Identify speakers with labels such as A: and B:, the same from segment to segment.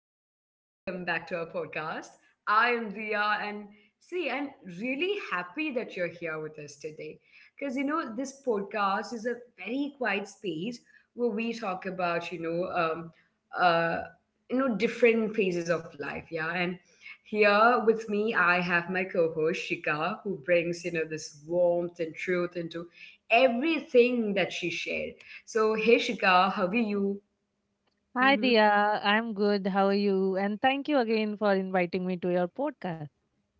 A: and welcome back to our podcast. I am Dia, and see, I'm really happy that you're here with us today because this podcast is a very quiet space where we talk about, uh, different phases of life. Yeah, and here with me, I have my co host Shika, who brings, this warmth and truth into everything that she shared. So, hey, Shika, how are you?
B: Hi,
A: Mm-hmm.
B: Dia. I'm good. How are you? And thank you again for inviting me to your podcast.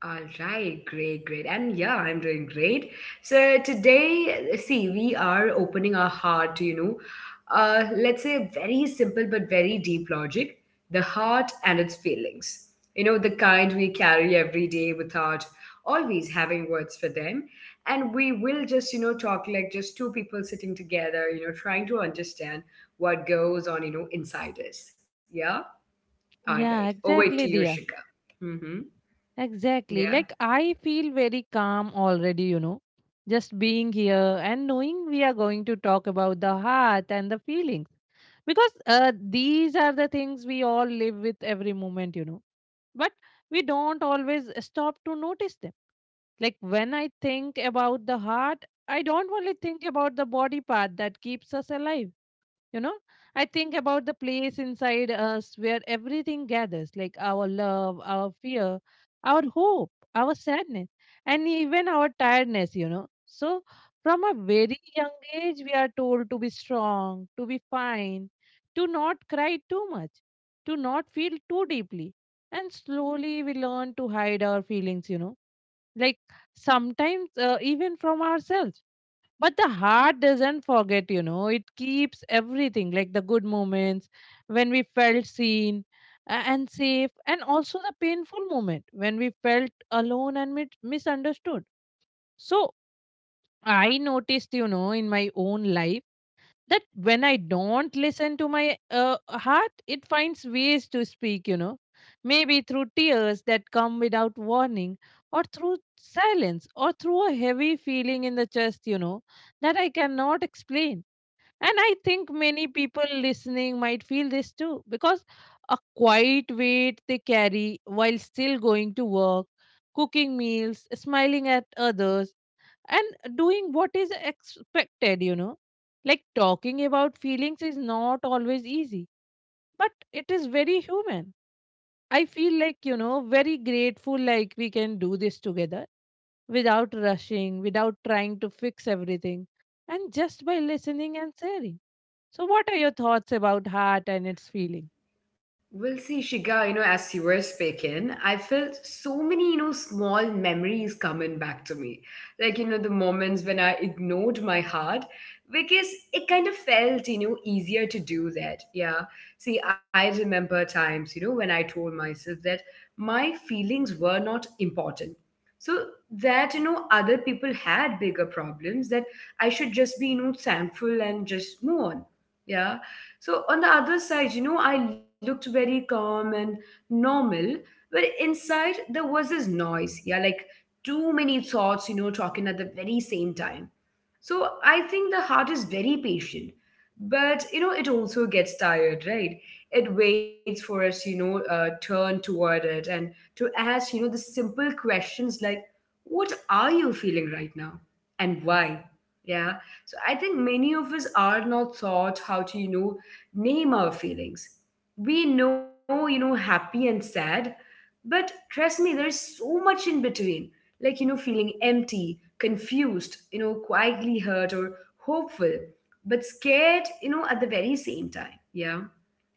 A: All right, great, great. And yeah, I'm doing great. So today, see, we are opening our heart to, let's say very simple but very deep logic the heart and its feelings. The kind we carry every day without always having words for them. And we will just, talk like just two people sitting together, trying to understand what goes on, inside us. Yeah? All right.
B: Yeah,
A: Over to you,
B: exactly,
A: Shika.
B: Dia.
A: Mm-hmm.
B: Exactly.
A: Yeah.
B: Like, I feel very calm already, just being here and knowing we are going to talk about the heart and the feelings. Because these are the things we all live with every moment, but we don't always stop to notice them. Like, when I think about the heart, I don't only think about the body part that keeps us alive. you know I think about the place inside us where everything gathers, like our love, our fear, our hope, our sadness, and even our tiredness, so from a very young age we are told to be strong, to be fine, to not cry too much, to not feel too deeply, and slowly we learn to hide our feelings, like sometimes, even from ourselves. But the heart doesn't forget, it keeps everything, like the good moments when we felt seen and safe, and also the painful moment when we felt alone and misunderstood. So I noticed, in my own life, that when I don't listen to my heart, it finds ways to speak, maybe through tears that come without warning, or through silence, or through a heavy feeling in the chest, that I cannot explain. And I think many people listening might feel this too, because a quiet weight they carry while still going to work, cooking meals, smiling at others, and doing what is expected. Like talking about feelings is not always easy, but it is very human. I feel like, very grateful, like we can do this together, without rushing, without trying to fix everything, and just by listening and sharing. So, what are your thoughts about heart and its feeling?
A: Well, see, Shika, as you were speaking, I felt so many, small memories coming back to me. Like, the moments when I ignored my heart, because it kind of felt, easier to do that. Yeah. See, I remember times, when I told myself that my feelings were not important. So that, other people had bigger problems, that I should just be, thankful and just move on. Yeah, so on the other side, I looked very calm and normal, but inside there was this noise. Yeah, like too many thoughts, talking at the very same time. So I think the heart is very patient, but it also gets tired, right? It waits for us, turn toward it and to ask, the simple questions like, what are you feeling right now and why? Yeah. So I think many of us are not taught how to, name our feelings. We know, happy and sad, but trust me, there's so much in between. Like, feeling empty, confused, quietly hurt or hopeful, but scared, at the very same time. Yeah.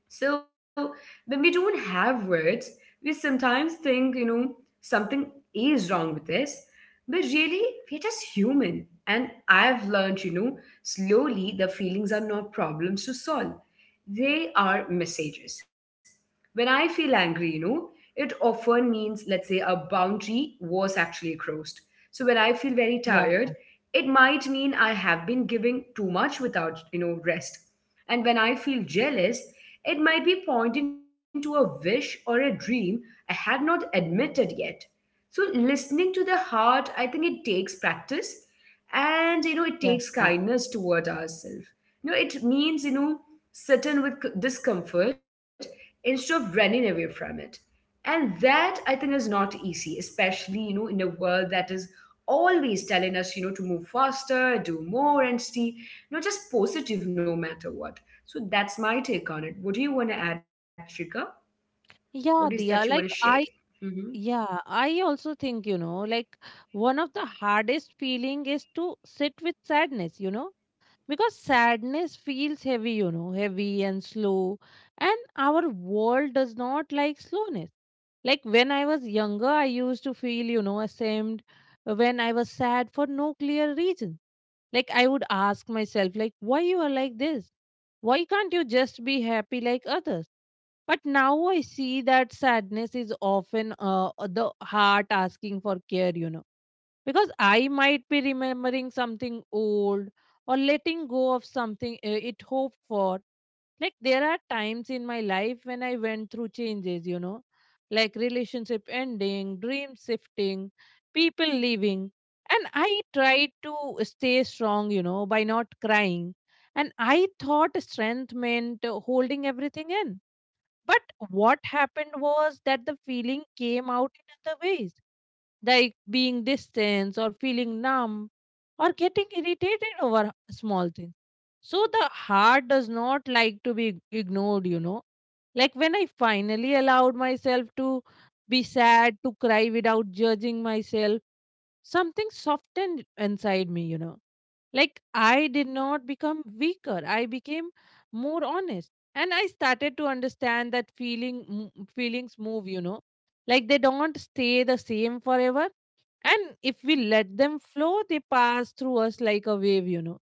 A: So when we don't have words, we sometimes think, something is wrong with us. But really, we're just human. And I've learned, slowly the feelings are not problems to solve. They are messages. When I feel angry, it often means, let's say, a boundary was actually crossed. So when I feel very
B: Yeah,
A: tired, it might mean I have been giving too much without, rest. And when I feel jealous, it might be pointing to a wish or a dream I had not admitted yet. So, listening to the heart, I think it takes practice and it takes
B: exactly.
A: kindness toward ourselves. It means sitting with discomfort instead of running away from it. And that I think is not easy, especially in a world that is always telling us, to move faster, do more, and stay, just positive no matter what. So that's my take on it. What do you want to add, Trika? What is
B: Yeah,
A: that you want to
B: Diya,
A: share?
B: I also think, like one of the hardest feeling is to sit with sadness, because sadness feels heavy, heavy and slow, and our world does not like slowness. Like when I was younger, I used to feel, ashamed, when I was sad for no clear reason. Like I would ask myself, like, why you are like this? Why can't you just be happy like others? But now I see that sadness is often, the heart asking for care, because I might be remembering something old, or letting go of something it hoped for. Like there are times in my life when I went through changes, like relationship ending, dream shifting, people leaving. And I tried to stay strong, by not crying. And I thought strength meant, holding everything in, but what happened was that the feeling came out in other ways, like being distant or feeling numb or getting irritated over small things. So the heart does not like to be ignored. Like when I finally allowed myself to be sad, to cry without judging myself, something softened inside me. Like I did not become weaker, I became more honest. And I started to understand that feelings move. Like they don't stay the same forever. And if we let them flow, they pass through us like a wave.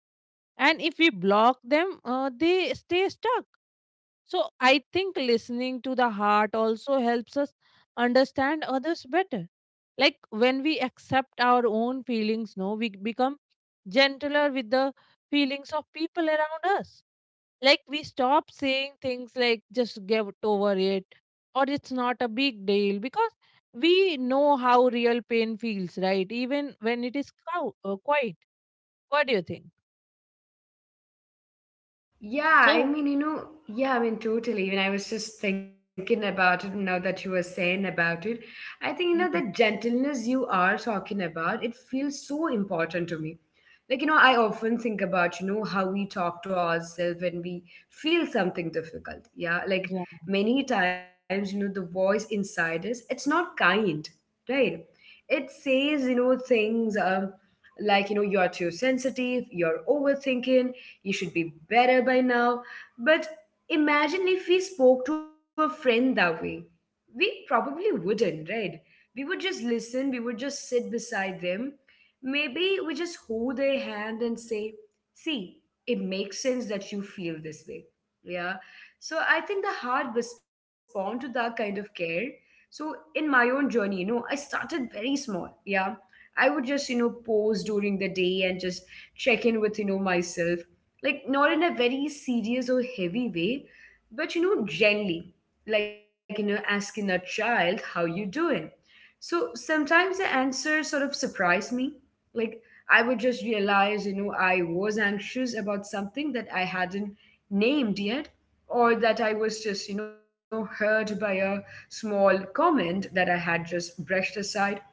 B: And if we block them, they stay stuck. So I think listening to the heart also helps us understand others better, like when we accept our own feelings, no, we become gentler with the feelings of people around us. Like we stop saying things like just get over it, or it's not a big deal, because we know how real pain feels, right, even when it is quiet. What do you think?
A: Yeah,
B: So,
A: totally. When I was just thinking about it now that you were saying about it, I think, that
B: mm,
A: gentleness you are talking about, it feels so important to me. Like, I often think about, how we talk to ourselves when we feel something difficult. Yeah. Like,
B: yeah.
A: many times, the voice inside us, it's not kind, right? It says, things like, you're too sensitive, you're overthinking you should be better by now. But imagine if we spoke to a friend that way. We probably wouldn't, right? We would just listen, we would just sit beside them. Maybe we just hold their hand and say, see, it makes sense that you feel this way. Yeah. So I think the heart respond to that kind of care. So in my own journey, I started very small. Yeah. I would just, pause during the day and just check in with, myself like not in a very serious or heavy way but gently like asking a child how you doing. So sometimes the answers sort of surprise me, like I would just realize I was anxious about something that I hadn't named yet, or that I was just hurt by a small comment that I had just brushed aside.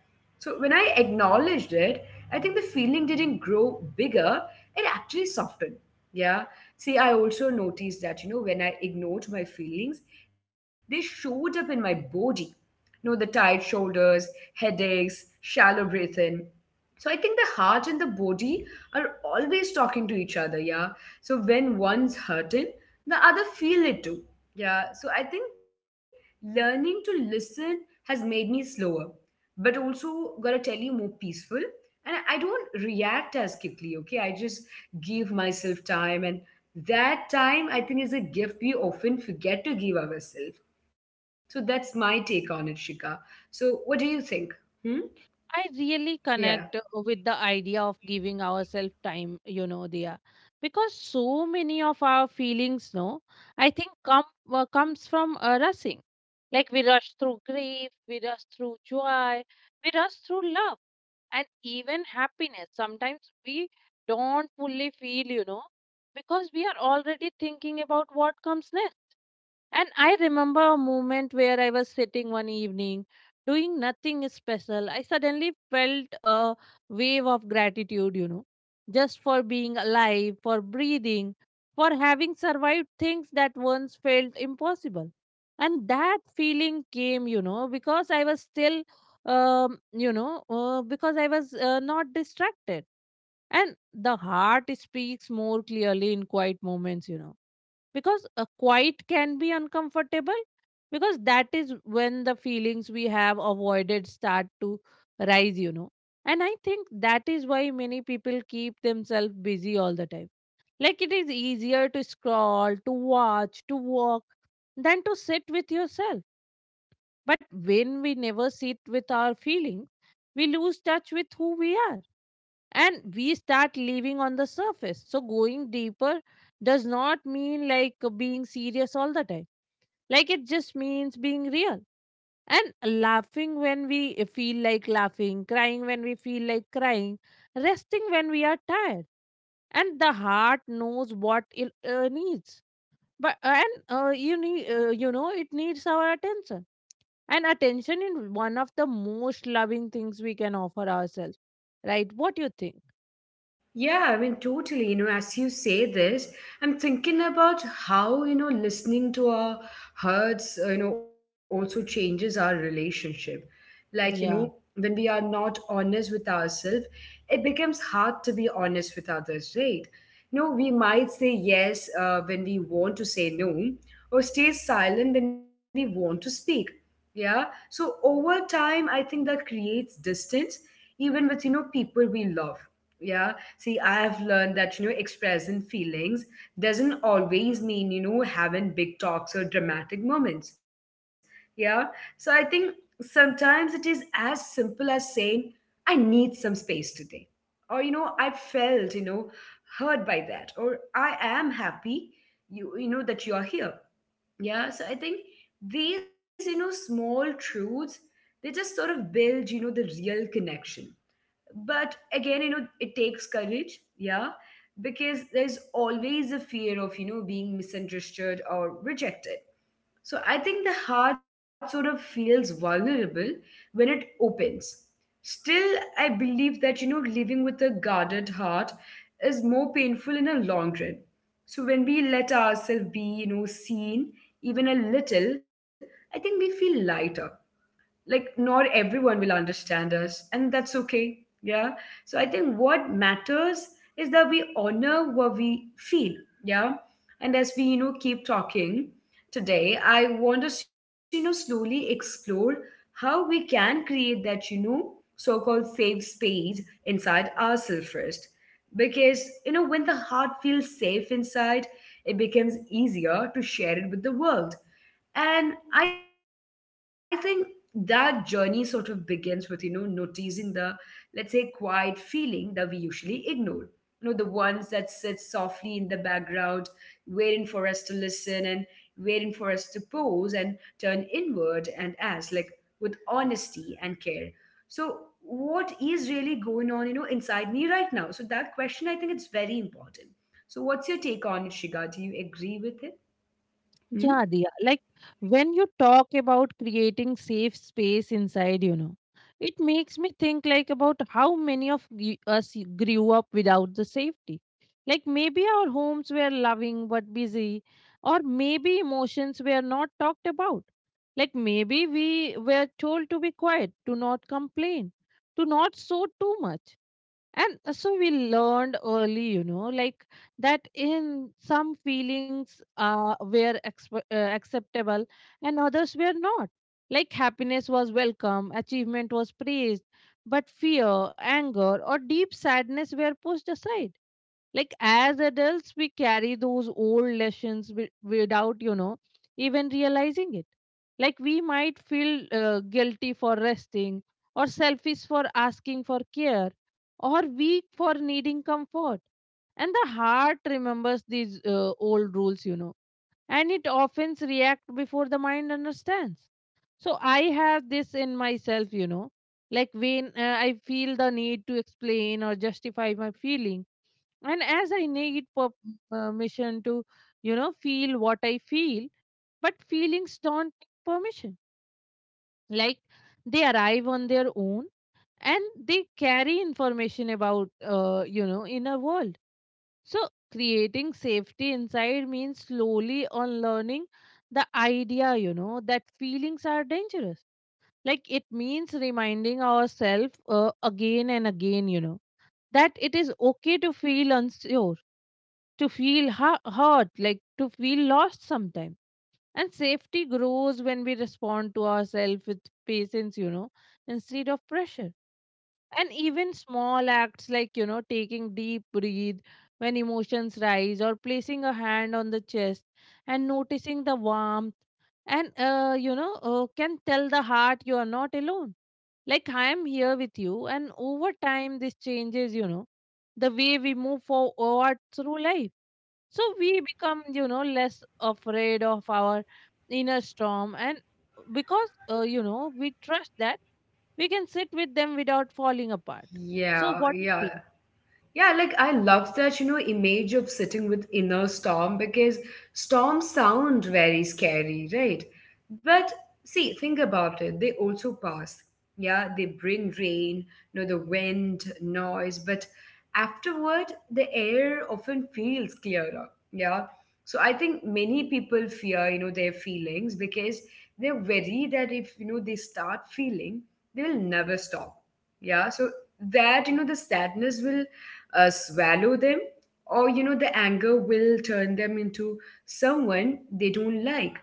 A: So when I acknowledged it, I think the feeling didn't grow bigger, it actually softened. Yeah. See, I also noticed that, when I ignored my feelings, they showed up in my body. The tight shoulders, headaches, shallow breathing. So I think the heart and the body are always talking to each other, yeah. So when one's hurting, the other feel it too. Yeah. So I think learning to listen has made me slower, but also gotta tell you more peaceful. And I don't react as quickly, okay? I just give myself time, and that time I think is a gift we often forget to give ourselves. So that's my take on it, Shika. So what do you think? Hmm.
B: I really
A: Yeah.
B: connect, with the idea of giving ourselves time, Dia, because so many of our feelings, no, I think comes from rushing. Like we rush through grief, we rush through joy, we rush through love and even happiness. Sometimes we don't fully feel, because we are already thinking about what comes next. And I remember a moment where I was sitting one evening doing nothing special. I suddenly felt a wave of gratitude, just for being alive, for breathing, for having survived things that once felt impossible. And that feeling came, because I was still, because I was not distracted. And the heart speaks more clearly in quiet moments, because a quiet can be uncomfortable, because that is when the feelings we have avoided start to rise. And I think that is why many people keep themselves busy all the time. Like it is easier to scroll, to watch, to walk than to sit with yourself, but when we never sit with our feelings, we lose touch with who we are, and we start living on the surface. So going deeper does not mean like being serious all the time. Like it just means being real, and laughing when we feel like laughing, crying when we feel like crying, resting when we are tired. And the heart knows what it needs, but and you need you know it needs our attention. And attention is one of the most loving things we can offer ourselves, right? What do you think?
A: Totally. As you say this, I'm thinking about how, listening to our hearts, also changes our relationship. Like,
B: Yeah,
A: when we are not honest with ourselves, it becomes hard to be honest with others, right? We might say yes when we want to say no, or stay silent when we want to speak. Yeah. So over time, I think that creates distance, even with, people we love. Yeah. See, I've learned that, expressing feelings doesn't always mean, having big talks or dramatic moments. Yeah. So I think sometimes it is as simple as saying, I need some space today. Or, I felt, hurt by that. Or I am happy, that you're here. Yeah. So I think these, small truths, they just sort of build, the real connection. But again it takes courage. Yeah. Because there's always a fear of being misunderstood or rejected. So I think the heart sort of feels vulnerable when it opens. Still, I believe that living with a guarded heart is more painful in a long run. So when we let ourselves be seen, even a little, I think we feel lighter. Like not everyone will understand us, and that's okay. Yeah. So I think what matters is that we honor what we feel. Yeah. And as we keep talking today, I want us to slowly explore how we can create that so-called safe space inside ourselves first. Because when the heart feels safe inside, it becomes easier to share it with the world. And I think that journey sort of begins with, noticing the, let's say, quiet feeling that we usually ignore. The ones that sit softly in the background, waiting for us to listen and waiting for us to pause and turn inward and ask, like, with honesty and care. So, what is really going on, inside me right now? So, that question, I think it's very important. So, what's your take on it, Shiga? Do you agree with it? Hmm?
B: yeah, Diya. Like when you talk about creating safe space inside, it makes me think, like, about how many of us grew up without the safety. Like maybe our homes were loving but busy, or maybe emotions were not talked about. Like maybe we were told to be quiet, to not complain, to not show too much. And, so we learned early, like that in some feelings, acceptable, and others were not. Like happiness was welcome, achievement was praised, but fear, anger, or deep sadness were pushed aside, like as adults we carry those old lessons without, even realizing it. Like we might feel guilty for resting, or selfish for asking for care, or weak for needing comfort. And the heart remembers these old rules, and it often reacts before the mind understands. So I have this in myself, like when, I feel the need to explain or justify my feelings, and as I need permission to, feel what I feel. But feelings don't need permission. Like they arrive on their own, and they carry information about, inner world. So creating safety inside means slowly on learning the idea, that feelings are dangerous. Like it means reminding ourselves, again and again, that it is okay to feel unsure, to feel hurt, like to feel lost sometimes. And safety grows when we respond to ourselves with patience, instead of pressure. And even small acts like, taking deep breath when emotions rise, or placing a hand on the chest and noticing the warmth, and, can tell the heart you are not alone. Like I am here with you. And over time, this changes, the way we move forward through life, so we become, less afraid of our inner storm, and because, we trust that we can sit with them without falling apart. So
A: Yeah,
B: what do you
A: yeah.
B: think?
A: Yeah, like I love that, image of sitting with inner storm because storms sound very scary, right? But see, think about it. They also pass. Yeah, they bring rain, the wind, noise, but afterward, the air often feels clearer. Yeah. So I think many people fear, their feelings because they're worried that if, they start feeling, they will never stop. Yeah. So that, the sadness will swallow them, or the anger will turn them into someone they don't like.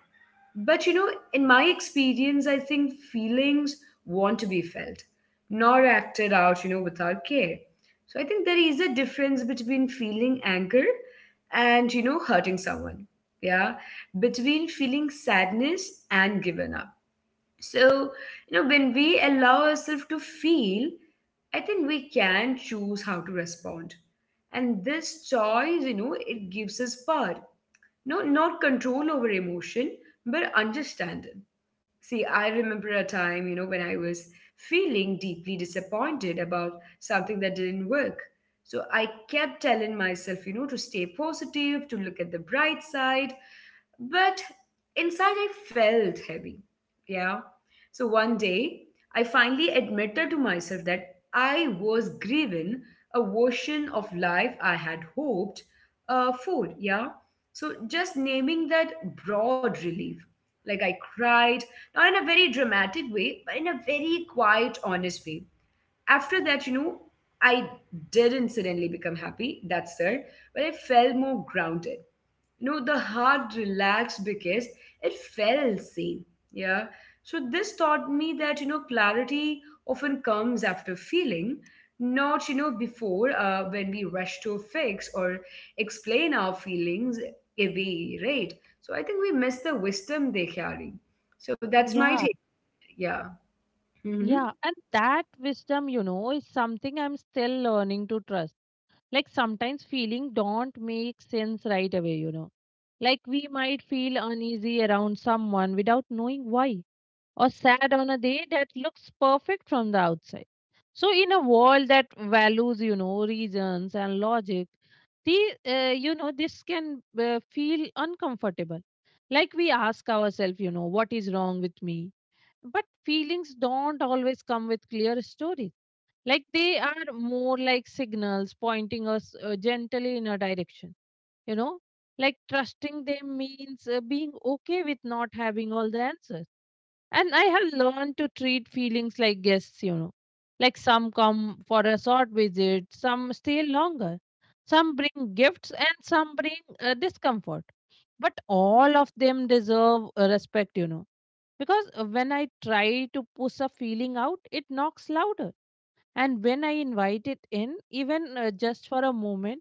A: But in my experience I think feelings want to be felt, nor acted out without care. So I think there is a difference between feeling anger and hurting someone. Yeah. Between feeling sadness and giving up. So, when we allow ourselves to feel, I think we can choose how to respond. And this choice, it gives us power. No, not control over emotion, but understanding. See, I remember a time, when I was feeling deeply disappointed about something that didn't work. So I kept telling myself, to stay positive, to look at the bright side. But inside, I felt heavy. Yeah. So one day, I finally admitted to myself that I was grieving a version of life I had hoped for. Yeah. So just naming that broad relief. Like I cried not in a very dramatic way, but in a very quiet, honest way. After that, I did incidentally become happy, that's there, but I felt more grounded. The heart relaxed because it felt sane. Yeah. So this taught me that, clarity often comes after feeling, not, before when we rush to fix or explain our feelings away, right? So I think we miss the wisdom they carry. So that's my
B: Yeah,
A: take. Yeah. Mm-hmm.
B: yeah. And that wisdom, is something I'm still learning to trust. Like sometimes feeling don't make sense right away, like we might feel uneasy around someone without knowing why, or sad on a day that looks perfect from the outside. So, in a world that values, reasons and logic, the, this can feel uncomfortable. Like we ask ourselves, what is wrong with me? But feelings don't always come with clear stories. Like they are more like signals pointing us gently in a direction, you know? Like trusting them means being okay with not having all the answers. And I have learned to treat feelings like guests. Like some come for a short visit, some stay longer, some bring gifts, and some bring discomfort. But all of them deserve respect, Because when I try to push a feeling out, it knocks louder, and when I invite it in, even just for a moment,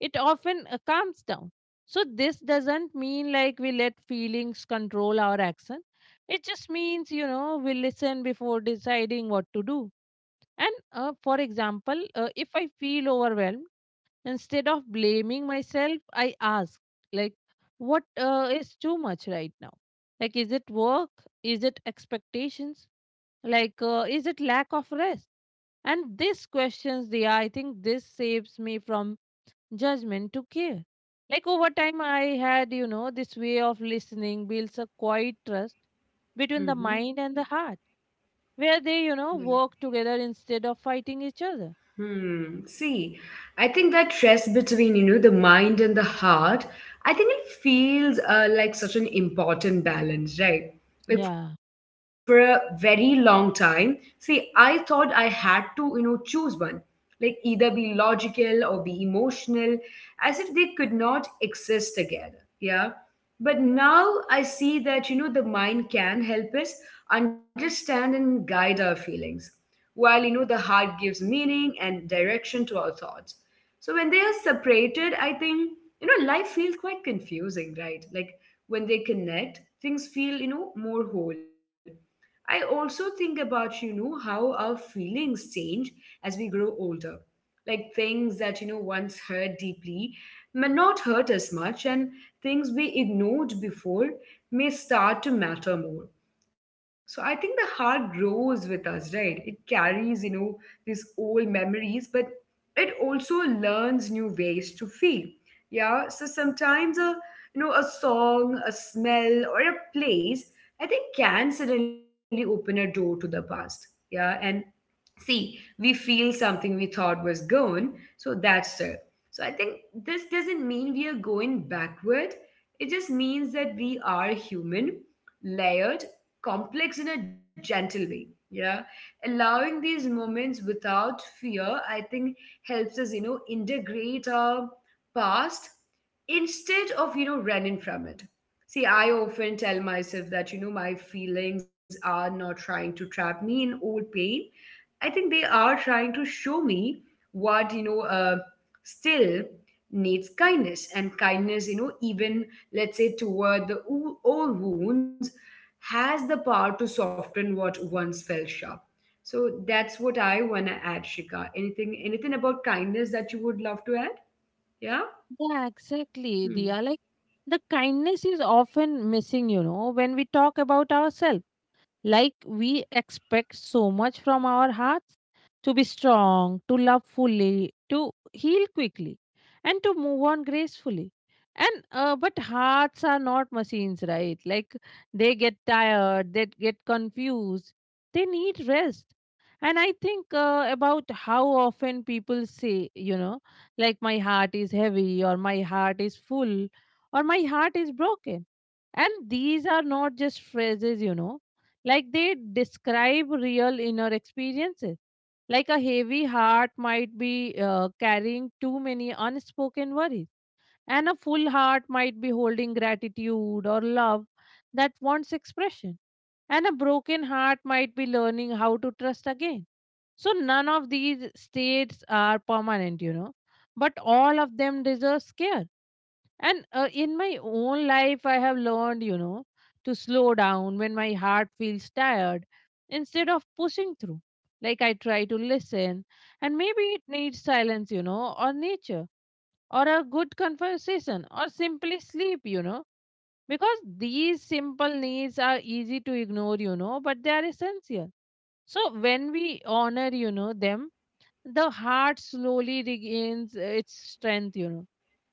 B: it often calms down. So this doesn't mean like we let feelings control our action, it just means, you know, we listen before deciding what to do. And for example, if I feel overwhelmed, instead of blaming myself, I ask, like, what is too much right now? Like, is it work? Is it expectations? Like, is it lack of rest? And these questions, they I think this saves me from judgment to care. Like over time, I had, you know, this way of listening builds a quiet trust between the
A: Mm-hmm.
B: mind and the heart, where they, you
A: Yeah.
B: know, work together instead of fighting each other.
A: Hmm. See, I think that stress between, the mind and the heart, I think it feels like such an important balance, right?
B: Yeah.
A: Like for a very long time, see, I thought I had to, choose one, like either be logical or be emotional, as if they could not exist together. Yeah. But now I see that, the mind can help us understand and guide our feelings while the heart gives meaning and direction to our thoughts. So when they are separated, I think life feels quite confusing, right? Like when they connect, things feel more whole. I also think about how our feelings change as we grow older. Like things that once hurt deeply may not hurt as much, and things we ignored before may start to matter more. So I think the heart grows with us, right? It carries, these old memories, but it also learns new ways to feel. Yeah. So sometimes a you know a song, a smell, or a place, I think can suddenly open a door to the past. Yeah. And see we feel something we thought was gone. So that's it. So I think this doesn't mean we are going backward, it just means that we are human, layered, complex in a gentle way. Yeah. Allowing these moments without fear, I think, helps us integrate our past instead of running from it. See, I often tell myself that my feelings are not trying to trap me in old pain. I think they are trying to show me what still needs kindness, and kindness, even, let's say, toward the old wounds has the power to soften what once felt sharp. So that's what I want to add, Shika. Anything, anything about kindness that you would love to add? Yeah.
B: Yeah, exactly. They
A: Hmm.
B: are like the kindness is often missing, you know, when we talk about ourselves. Like we expect so much from our hearts, to be strong, to love fully, to heal quickly, and to move on gracefully. And But hearts are not machines, right? Like they get tired, they get confused, they need rest. And I think about how often people say, you know, like my heart is heavy, or my heart is full, or my heart is broken. And these are not just phrases, you know, like they describe real inner experiences. Like a heavy heart might be carrying too many unspoken worries, and a full heart might be holding gratitude or love that wants expression, and a broken heart might be learning how to trust again. So none of these states are permanent, you know, but all of them deserve care. And in my own life, I have learned, you know, to slow down when my heart feels tired, instead of pushing through. Like I try to listen, and maybe it needs silence, you know, or nature, or a good conversation, or simply sleep, you know, because these simple needs are easy to ignore, you know, but they are essential. So when we honor, you know, them, the heart slowly regains its strength, you know,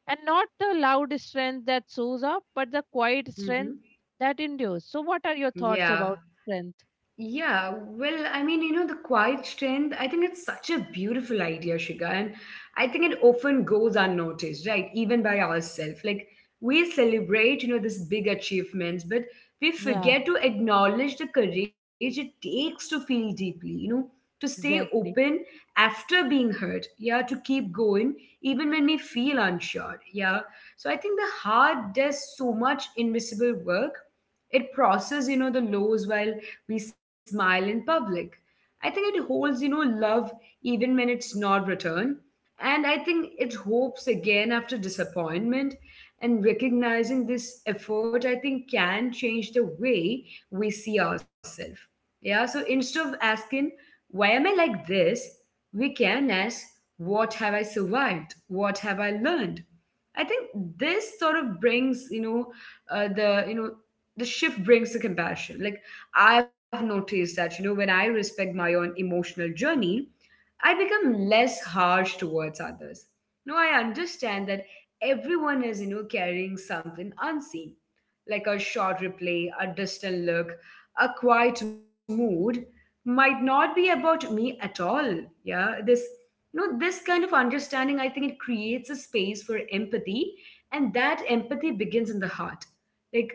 B: and not the loud strength that shows up, but the quiet strength
A: Mm-hmm.
B: that endures. So what are your thoughts about
A: Yeah.
B: strength?
A: Yeah, well, you know, the quiet strength, I think it's such a beautiful idea, Shiga, and I think it often goes unnoticed, right? Even by ourselves. Like we celebrate, you know, these big achievements, but we
B: Yeah,
A: forget to acknowledge the courage it takes to feel deeply, you know, to stay open
B: exactly.
A: after being hurt, yeah, to keep going even when we feel unsure, yeah. So I think the heart does so much invisible work. It processes, you know, the lows while we smile in public. I think it holds, you know, love even when it's not returned. And I think it hopes again after disappointment. And recognizing this effort, I think, can change the way we see ourselves. Yeah, so instead of asking, why am I like this? We can ask, what have I survived? What have I learned? I think this sort of brings, uh, the, you know, the shift brings the compassion. Like I've noticed that, you know, when I respect my own emotional journey, I become less harsh towards others. Now I understand that everyone is, you know, carrying something unseen, like a short replay, a distant look, a quiet mood might not be about me at all. Yeah, this kind of understanding, I think it creates a space for empathy, and that empathy begins in the heart.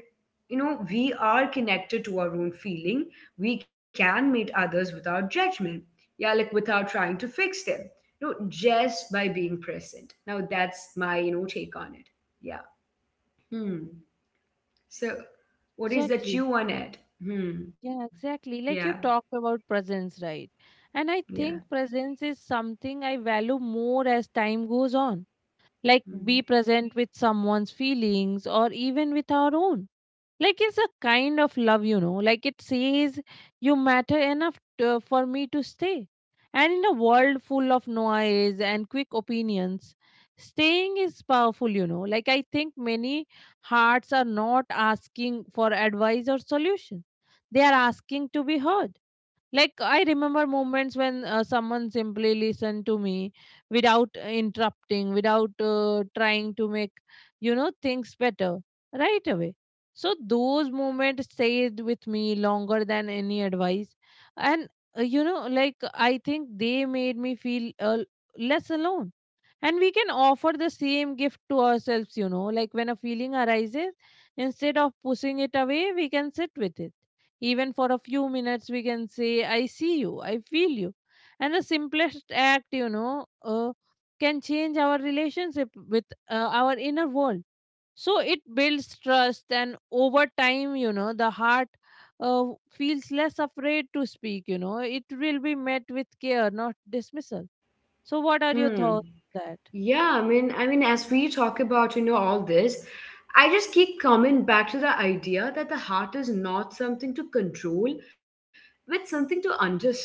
A: Like we are connected to our own feeling, we can meet others without judgment. Yeah, like without trying to fix them, just by being present. Now that's my take on it. Yeah. Hmm. So what is that
B: Exactly.
A: you want it. Hmm.
B: Yeah,
A: Yeah.
B: exactly, like you talked about presence, right? And I
A: Yeah.
B: think presence is something I value more as time goes on. Like be
A: Hmm.
B: present with someone's feelings, or even with our own. Like it's a kind of love, you know. Like it says, you matter enough to, for me to stay. And in a world full of noise and quick opinions, staying is powerful, you know. Like I think many hearts are not asking for advice or solution, they are asking to be heard. Like I remember moments when someone simply listened to me without interrupting, without trying to make, you know, things better right away. So those moments stayed with me longer than any advice, and you know, like I think they made me feel less alone. And we can offer the same gift to ourselves, you know, like when a feeling arises, instead of pushing it away, we can sit with it, even for a few minutes, we can say, I see you, I feel you. And the simplest act, you know, can change our relationship with our inner world. So it builds trust, and over time, you know, the heart feels less afraid to speak, you know, it will be met with care, not dismissal. So, what are your
A: Hmm.
B: thoughts on that?
A: Yeah, as we talk about, you know, all this, I just keep coming back to the idea that the heart is not something to control, but something to understand.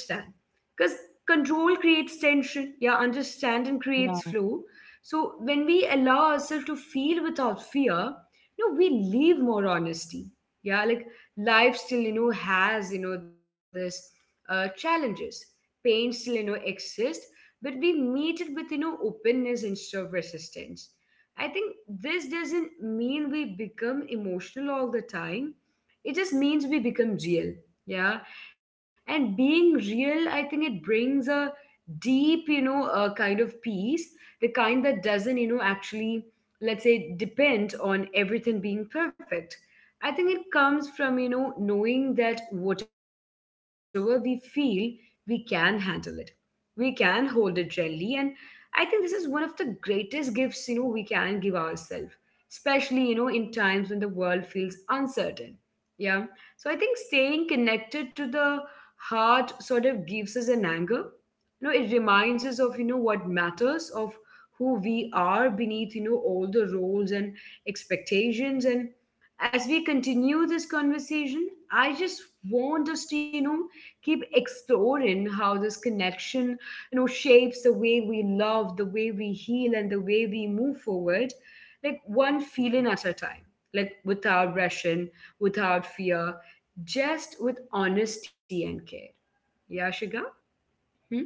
A: Because control creates tension, yeah, understanding creates
B: Yeah.
A: flow. So when we allow ourselves to feel without fear, you know, we leave more honesty. Yeah, like life still, has, this challenges. Pain still, exists, but we meet it with openness instead of resistance. I think this doesn't mean we become emotional all the time, it just means we become real. Yeah. And being real, I think, it brings a deep, a kind of peace. The kind that doesn't, actually, let's say, depend on everything being perfect. I think it comes from, knowing that whatever we feel, we can handle it. We can hold it gently. And I think this is one of the greatest gifts, we can give ourselves, especially, in times when the world feels uncertain. Yeah. So I think staying connected to the heart sort of gives us an anchor. It reminds us of, what matters, of who we are beneath, all the roles and expectations. And as we continue this conversation, I just want us to, keep exploring how this connection, shapes the way we love, the way we heal, and the way we move forward. Like one feeling at a time, like without rushing, without fear, just with honesty and care. Yeah, Shiga. Hmm?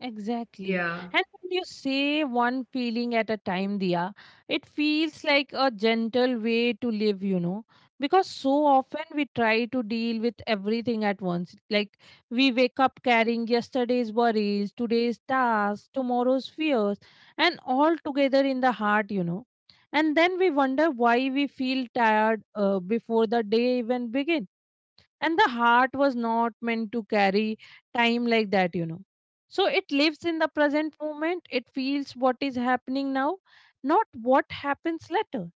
B: Exactly.
A: Yeah.
B: And when you say one feeling at a time, Dia, it feels like a gentle way to live, you know, because so often we try to deal with everything at once. Like we wake up carrying yesterday's worries, today's tasks, tomorrow's fears, and all together in the heart, you know. And then we wonder why we feel tired before the day even begins. And the heart was not meant to carry time like that, you know. So it lives in the present moment, it feels what is happening now, not what happens later.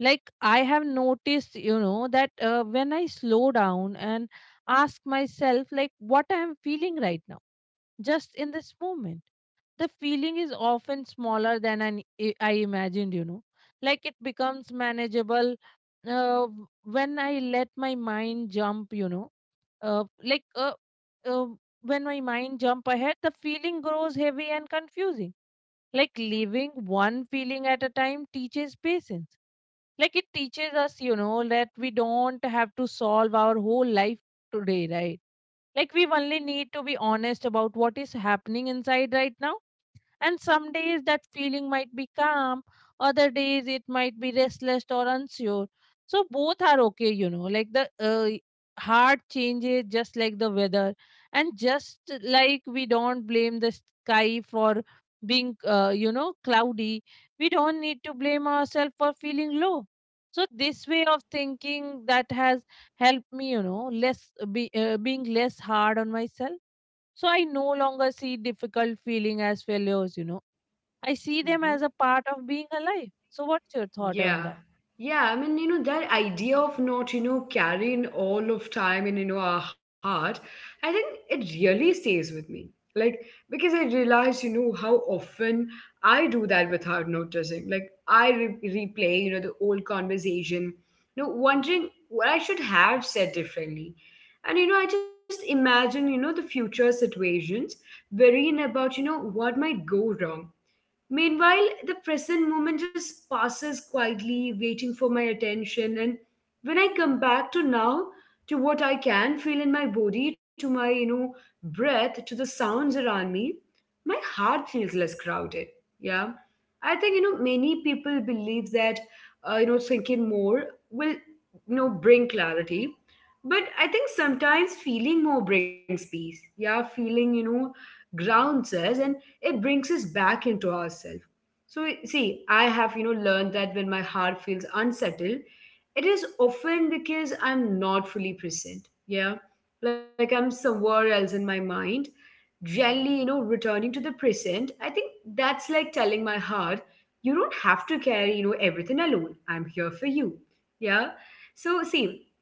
B: Like I have noticed, you know, that when I slow down and ask myself, like, what I am feeling right now, just in this moment. The feeling is often smaller than I imagined, you know. Like it becomes manageable. uh, when I let my mind jump, you know, uh, like uh, uh, when my mind jump ahead, the feeling grows heavy and confusing. Like living one feeling at a time teaches patience. Like it teaches us, you know, that we don't have to solve our whole life today, right? Like we only need to be honest about what is happening inside right now. And some days that feeling might be calm, other days it might be restless or unsure. So both are okay, you know. Like the heart changes just like the weather, and just like we don't blame the sky for being, you know, cloudy, we don't need to blame ourselves for feeling low. So this way of thinking, that has helped me, you know, being less hard on myself. So I no longer see difficult feeling as failures, you know, I see them as
A: Mm-hmm.
B: a part of being alive. So what's your thought on
A: Yeah.
B: that?
A: Yeah, I mean, you know, that idea of not, you know, carrying all of time in, you know, our heart, I think it really stays with me. Like, because I realize, you know, how often I do that without noticing. Like, replay, you know, the old conversation, you know, wondering what I should have said differently. And, you know, I just imagine, you know, the future situations, worrying about, you know, what might go wrong. Meanwhile, the present moment just passes quietly, waiting for my attention. And when I come back to now, to what I can feel in my body, to my, you know, breath, to the sounds around me, my heart feels less crowded. Yeah. I think, you know, many people believe that, you know, thinking more will, you know, bring clarity. But I think sometimes feeling more brings peace. Yeah. Feeling, you know, grounds us. And it brings us back into ourselves. So, see, I have, you know, learned that when my heart feels unsettled, it is often because I'm not fully present. Yeah. Like I'm somewhere else in my mind. Gently, you know, returning to the present, I think that's like telling my heart, you don't have to carry, you know, everything alone. I'm here for you. Yeah. So see,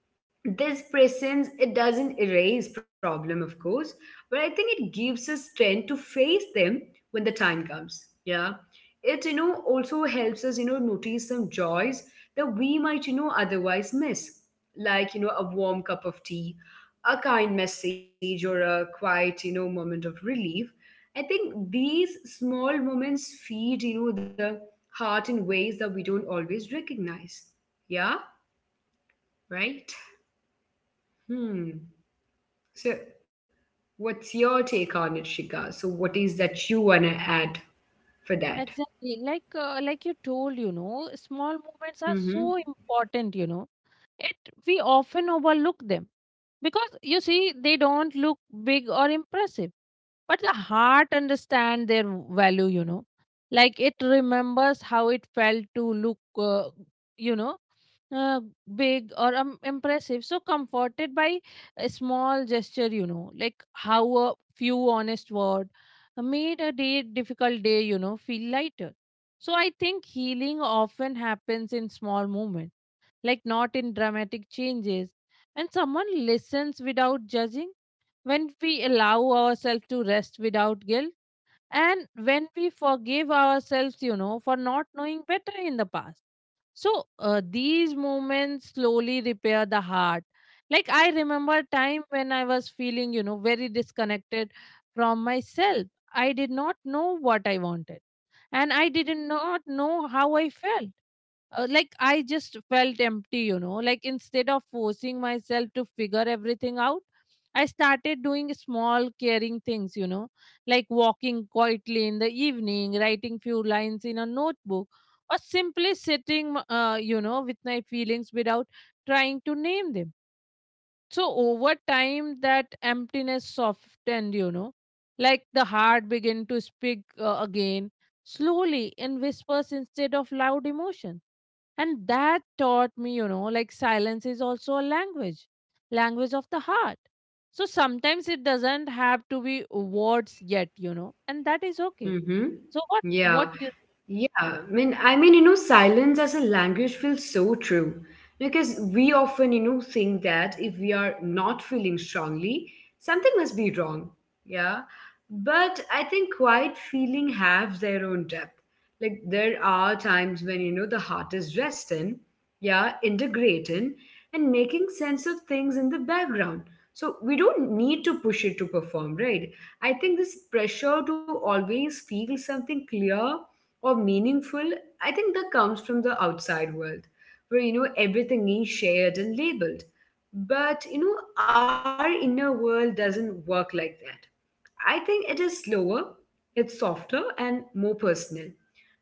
A: this presence, it doesn't erase problem, of course, but I think it gives us strength to face them when the time comes. Yeah. It, you know, also helps us, you know, notice some joys that we might, you know, otherwise miss. Like, you know, a warm cup of tea, a kind message, or a quiet, moment of relief. I think these small moments feed, the heart in ways that we don't always recognize. Yeah. Right. Hmm. So what's your take on it, Shika? So what is that you want to add for that?
B: Exactly. Like you told, you know, small movements are so
A: Mm-hmm.
B: important, you know. It We often overlook them because you see they don't look big or impressive. But the heart understand their value, you know. Like it remembers how it felt to look you know uh, big or impressive, so comforted by a small gesture, you know, like how a few honest word made a day difficult day, you know, feel lighter. So I think healing often happens in small moments, like not in dramatic changes, and someone listens without judging, when we allow ourselves to rest without guilt, and when we forgive ourselves, you know, for not knowing better in the past. So these moments slowly repair the heart. Like I remember a time when I was feeling, you know, very disconnected from myself. I did not know what I wanted, and I did not know how I felt, like I just felt empty, you know. Like instead of forcing myself to figure everything out, I started doing small caring things, you know, like walking quietly in the evening, writing few lines in a notebook, or simply sitting, you know, with my feelings without trying to name them. So over time, that emptiness softened, you know, like the heart began to speak again, slowly in whispers instead of loud emotion. And that taught me, you know, like silence is also a language, language of the heart. So sometimes it doesn't have to be words yet, you know, and that is okay.
A: Mm-hmm.
B: So
A: Yeah.
B: what you,
A: Yeah, you know, silence as a language feels so true. Because we often, you know, think that if we are not feeling strongly, something must be wrong. Yeah. But I think quiet feeling have their own depth. Like there are times when, you know, the heart is resting, yeah, integrating and making sense of things in the background. So we don't need to push it to perform, right? I think this pressure to always feel something clear or meaningful, I think that comes from the outside world, where you know everything is shared and labeled. But you know, our inner world doesn't work like that. I think it is slower, it's softer, and more personal.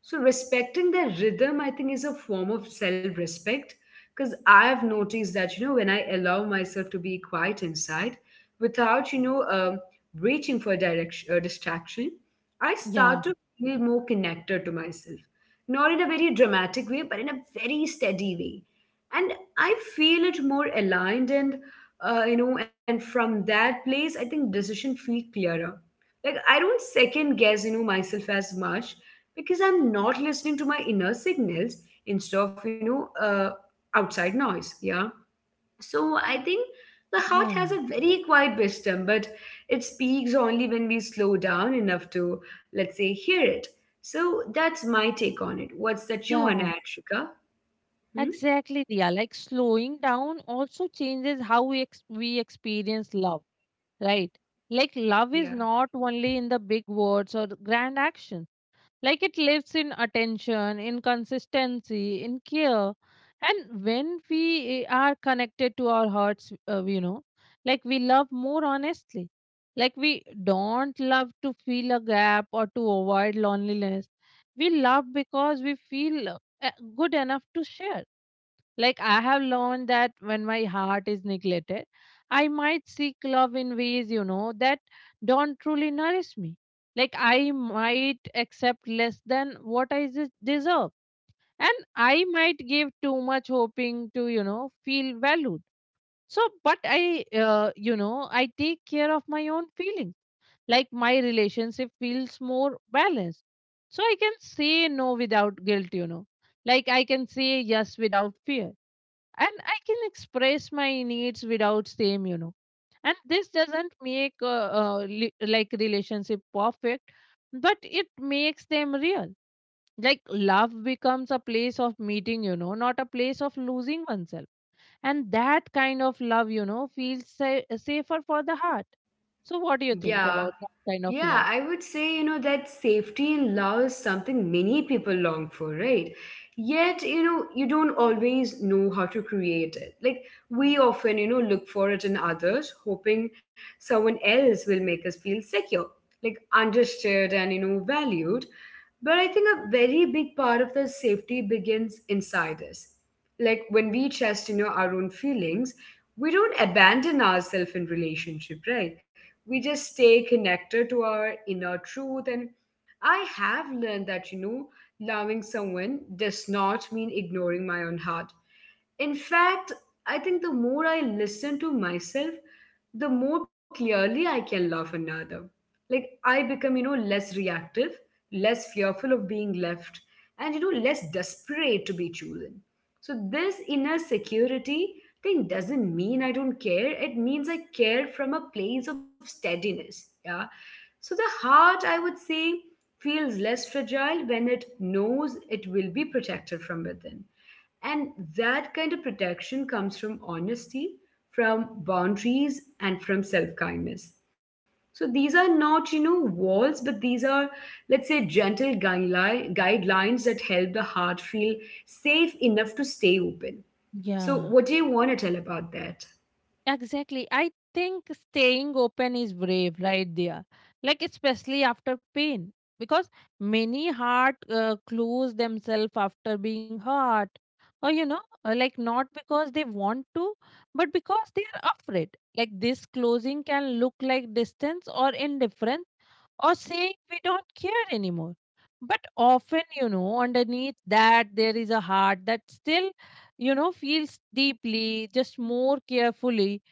A: So, respecting their rhythm, I think, is a form of self respect. Because I have noticed that, you know, when I allow myself to be quiet inside without, you know, reaching for direction, distraction, I
B: yeah,
A: start to feel more connected to myself. Not in a very dramatic way, but in a very steady way. And I feel it more aligned and and from that place, I think decision feel clearer, like I don't second guess, you know, myself as much, because I'm not listening to my inner signals instead of outside noise. Yeah. So I think the heart has
B: yeah,
A: a very quiet wisdom, but it speaks only when we slow down enough to, let's say, hear it. So that's my take on it. What's that you
B: yeah,
A: want to add, Shika? Hmm?
B: exactly, yeah. Like slowing down also changes how we experience love. Right. Like love
A: Yeah,
B: is not only in the big words or grand actions. Like it lives in attention, in consistency, in care. And when we are connected to our hearts, you know, like we love more honestly. Like we don't love to fill a gap or to avoid loneliness. We love because we feel uh, good enough to share. Like I have learned that when my heart is neglected, I might seek love in ways, you know, that don't truly nourish me. Like I might accept less than what deserve. And I might give too much, hoping to, you know, feel valued. So, but I, you know, I take care of my own feelings. Like my relationship feels more balanced. So I can say no without guilt, you know. Like I can say yes without fear, and I can express my needs without shame, you know. And this doesn't make like relationship perfect, but it makes them real. Like love becomes a place of meeting, you know, not a place of losing oneself. And that kind of love, you know, feels safer for the heart. So, what do you think
A: yeah.
B: about that kind of
A: Yeah, I
B: love?
A: would say, you know, that safety in love is something many people long for, right? Yet, you know, you don't always know how to create it. Like, we often, you know, look for it in others, hoping someone else will make us feel secure, like understood and, you know, valued. But I think a very big part of the safety begins inside us. Like when we trust chastise our own feelings, we don't abandon ourselves in relationship, right? We just stay connected to our inner truth. And I have learned that, you know, loving someone does not mean ignoring my own heart. In fact, I think the more I listen to myself, the more clearly I can love another. Like I become, you know, less reactive, less fearful of being left, and, you know, less desperate to be chosen. So this inner security thing doesn't mean I don't care. It means I care from a place of steadiness. Yeah. So the heart, I would say, feels less fragile when it knows it will be protected from within. And that kind of protection comes from honesty, from boundaries, and from self kindness. So these are not, you know, walls, but these are, let's say, gentle guidelines that help the heart feel safe enough to stay open. So,
B: Yeah.
A: what do you want to tell about that?
B: Exactly. I think staying open is brave right there. Like, especially after pain, because many heart close themselves after being hurt. Or, you know, like not because they want to, but because they are afraid. Like, this closing can look like distance or indifference, or saying we don't care anymore. But often, you know, underneath that, there is a heart that still, you know, feels deeply, just more carefully.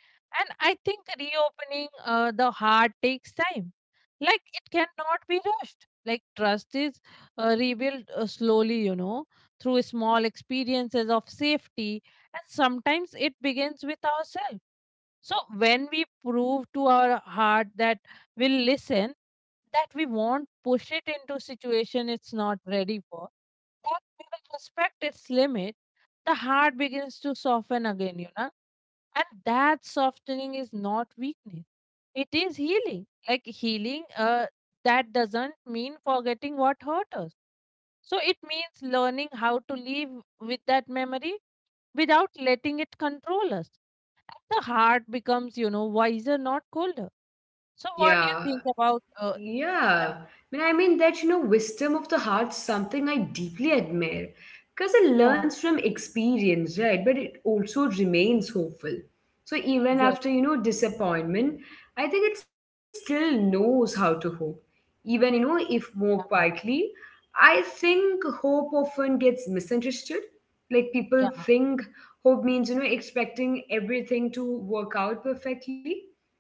B: And I think reopening the heart takes time. Like it cannot be rushed. Like trust is rebuilt slowly, you know, through small experiences of safety. And sometimes it begins with ourselves. So when we prove to our heart that we'll listen, that we won't push it into situation it's not ready for, that we will respect its limit, the heart begins to soften again, you know. And that softening is not weakness. It is healing. Like healing, that doesn't mean forgetting what hurt us. So it means learning how to live with that memory without letting it control us. And the heart becomes wiser, not colder. So, what do you
A: Yeah.
B: think about that?
A: Yeah, I I mean that, you know, wisdom of the heart, something I deeply admire, because it
B: Yeah,
A: learns from experience, right? But it also remains hopeful. So even
B: exactly.
A: after, you know, disappointment, I think it still knows how to hope, even, you know, if more
B: Yeah,
A: quietly. I think hope often gets misunderstood. Like people
B: yeah.
A: think hope means, you know, expecting everything to work out perfectly,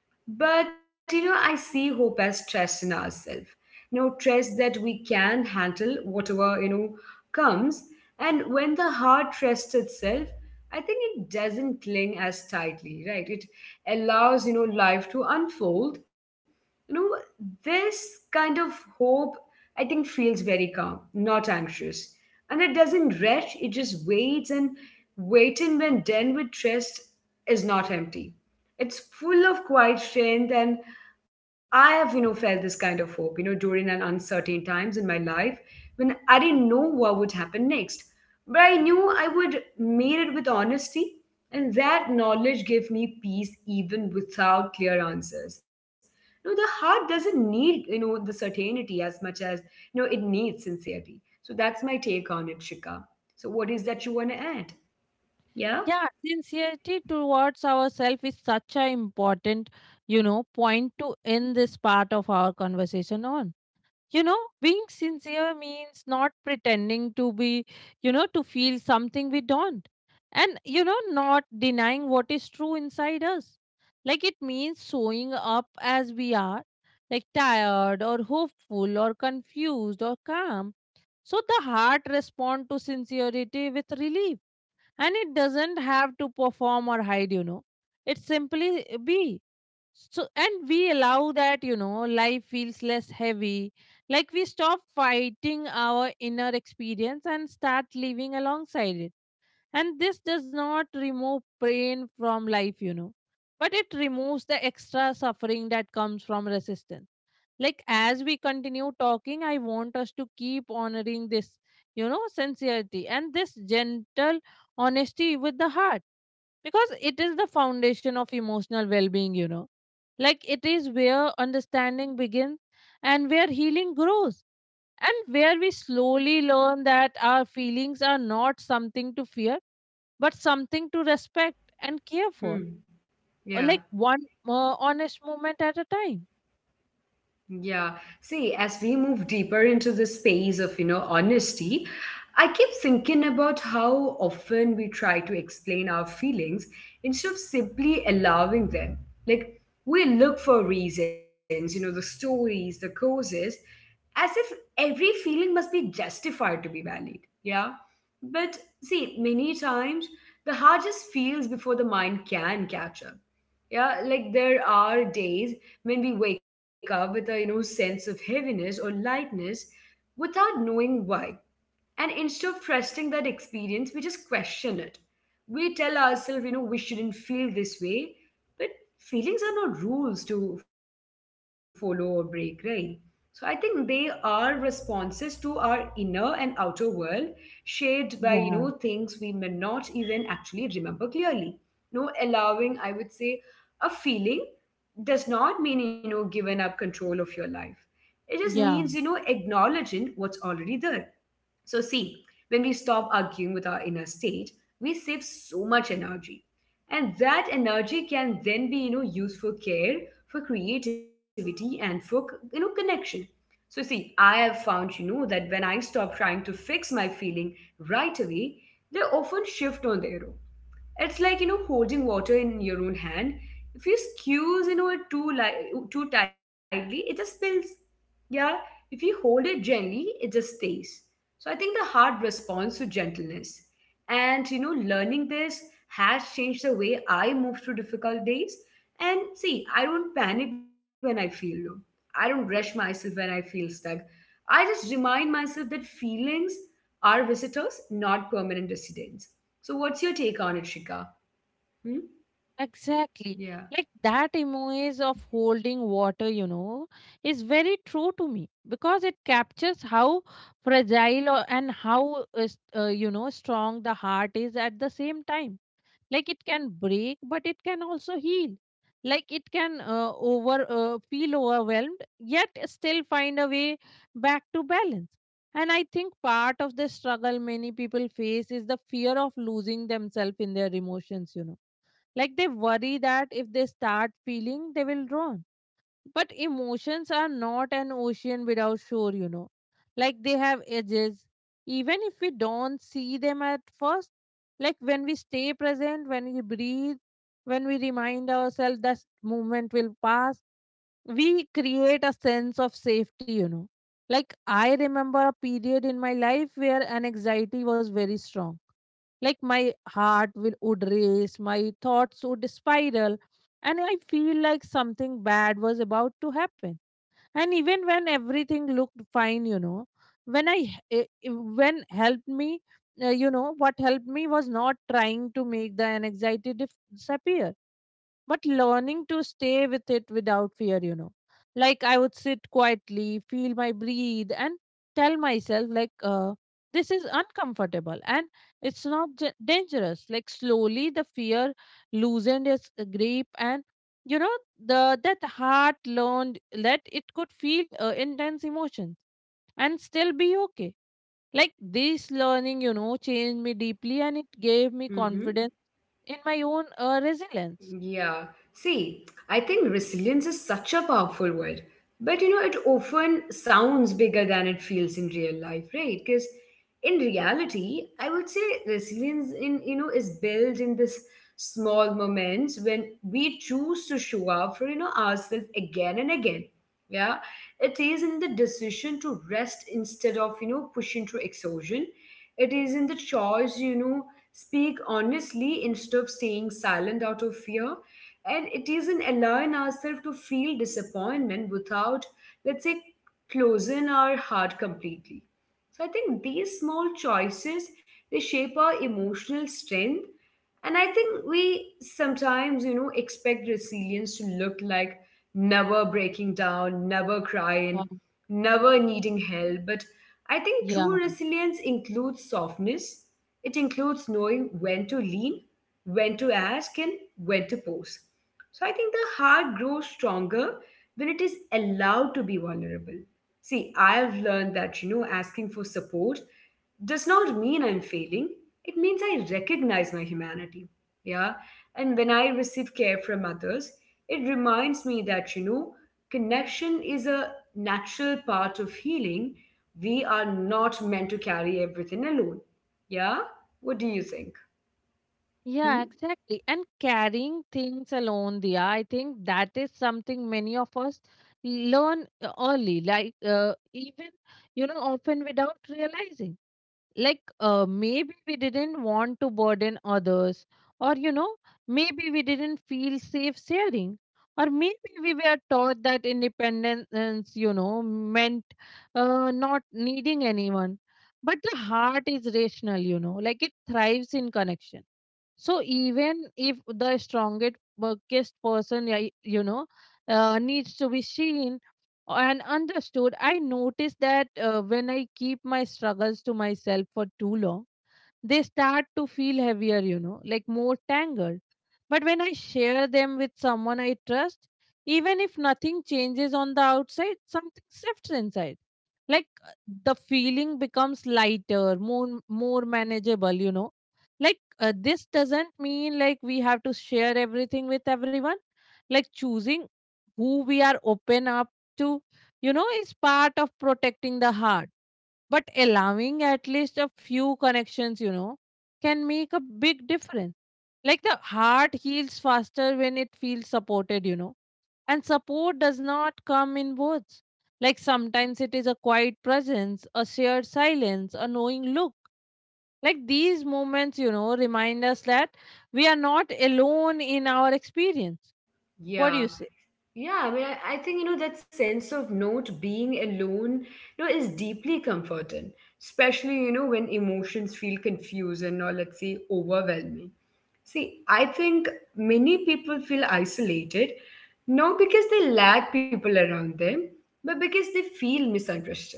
A: but, you know, I see hope as trust in ourselves. You know, trust that we can handle whatever, you know, comes. And when the heart trusts itself, I think it doesn't cling as tightly, right? It allows, you know, life to unfold. You know, this kind of hope, I think, feels very calm, not anxious. And it doesn't rush, it just waits. And waiting, when done with trust, is not empty, it's full of quiet strength. And I have, you know, felt this kind of hope, you know, during an uncertain times in my life when I didn't know what would happen next, but I knew I would meet it with honesty. And that knowledge gave me peace even without clear answers. No, the heart doesn't need, you know, the certainty as much as, you know, it needs sincerity. So that's my take on it, Shika. So what is that you want to add? Yeah.
B: Yeah, sincerity towards ourselves is such an important point to end this part of our conversation on. Being sincere means not pretending to be to feel something we don't, and not denying what is true inside us. Like it means showing up as we are, like tired or hopeful or confused or calm. So the heart responds to sincerity with relief, and it doesn't have to perform or hide. It simply be. So, and we allow that life feels less heavy. Like we stop fighting our inner experience and start living alongside it. And this does not remove pain from life, but it removes the extra suffering that comes from resistance. Like as we continue talking, I want us to keep honoring this sincerity and this gentle honesty with the heart, because it is the foundation of emotional well-being. Like it is where understanding begins, and where healing grows, and where we slowly learn that our feelings are not something to fear, but something to respect and care for.
A: Hmm?
B: Or like
A: Yeah.
B: one honest moment at a time.
A: Yeah. See, as we move deeper into the space of, you know, honesty, I keep thinking about how often we try to explain our feelings instead of simply allowing them. Like, we look for reasons, you know, the stories, the causes, as if every feeling must be justified to be valid. Yeah. But see, many times the heart just feels before the mind can catch up. Yeah, like there are days when we wake up with a, you know, sense of heaviness or lightness without knowing why. And instead of trusting that experience, we just question it. We tell ourselves, you know, we shouldn't feel this way. But feelings are not rules to follow or break, right? So I think they are responses to our inner and outer world, shaped by, you know, things we
B: Yeah.
A: may not even actually remember clearly. No, allowing, I would say, a feeling does not mean, you know, giving up control of your life. It just means, you know,
B: Yeah,
A: acknowledging what's already there. So, see, when we stop arguing with our inner state, we save so much energy. And that energy can then be, you know, used for care, for creativity, and for, you know, connection. So, see, I have found, you know, that when I stop trying to fix my feeling right away, they often shift on their own. It's like, you know, holding water in your own hand. If you squeeze, you know, it too tightly, it just spills. Yeah. If you hold it gently, it just stays. So I think the heart responds to gentleness. And, you know, learning this has changed the way I move through difficult days. And see, I don't panic when I feel low, I don't rush myself when I feel stuck. I just remind myself that feelings are visitors, not permanent residents. So, what's your take on it, Shika? Hmm?
B: exactly.
A: Yeah.
B: Like that image of holding water is very true to me, because it captures how fragile and how strong the heart is at the same time. Like it can break, but it can also heal. Like it can over feel overwhelmed, yet still find a way back to balance. And I think part of the struggle many people face is the fear of losing themselves in their emotions. Like they worry that if they start feeling, they will drown. But emotions are not an ocean without shore. Like they have edges, even if we don't see them at first. Like when we stay present, when we breathe, when we remind ourselves that moment will pass, we create a sense of safety. Like I remember a period in my life where an anxiety was very strong. Like my heart will would race, my thoughts would spiral, and I feel like something bad was about to happen, and even when everything looked fine. When I eh, eh, when helped me you know What helped me was not trying to make the anxiety disappear, but learning to stay with it without fear. Like I would sit quietly, feel my breathe, and tell myself, like, this is uncomfortable, and it's not dangerous. Like, slowly the fear loosened its grip, and you know, the that heart learned that it could feel intense emotions and still be okay. Like, this learning changed me deeply, and it gave me
A: Mm-hmm.
B: confidence in my own resilience.
A: Yeah. See, I think resilience is such a powerful word, but, you know, it often sounds bigger than it feels in real life, right? Because in reality, I would say resilience in, you know, is built in this small moments when we choose to show up for, you know, ourselves again and again. Yeah. It is in the decision to rest instead of, you know, pushing through exhaustion. It is in the choice, you know, speak honestly instead of staying silent out of fear. And it isn't allowing ourselves to feel disappointment without, let's say, closing our heart completely. So I think these small choices, they shape our emotional strength. And I think we sometimes, you know, expect resilience to look like never breaking down, never crying, never needing help. But I think true
B: Um,
A: resilience includes softness, it includes knowing when to lean, when to ask, and when to pose. So I think the heart grows stronger when it is allowed to be vulnerable. See, I have learned that, you know, asking for support does not mean I'm failing. It means I recognize my humanity. Yeah. And when I receive care from others, it reminds me that, you know, connection is a natural part of healing. We are not meant to carry everything alone. Yeah. What do you think? Hmm?
B: Yeah, exactly. And carrying things alone, Dia, I think that is something many of us learn early, like even often without realizing. Like maybe we didn't want to burden others, or maybe we didn't feel safe sharing, or maybe we were taught that independence meant not needing anyone. But the heart is rational, like it thrives in connection. So even if the strongest weakest person needs to be seen and understood, I notice that when I keep my struggles to myself for too long, they start to feel heavier, like more tangled. But when I share them with someone I trust, even if nothing changes on the outside, something shifts inside. Like the feeling becomes lighter, more manageable. Like this doesn't mean like we have to share everything with everyone. Like choosing who we are open up to, is part of protecting the heart, but allowing at least a few connections, can make a big difference. Like the heart heals faster when it feels supported, and support does not come in words. Like sometimes it is a quiet presence, a shared silence, a knowing look. Like these moments, remind us that we are not alone in our experience. What do you
A: Yeah,
B: say?
A: yeah. I think, you know, that sense of not being alone, you know, is deeply comforting, especially, you know, when emotions feel confusing or, let's say, overwhelming. See, I think many people feel isolated, not because they lack people around them, but because they feel misunderstood.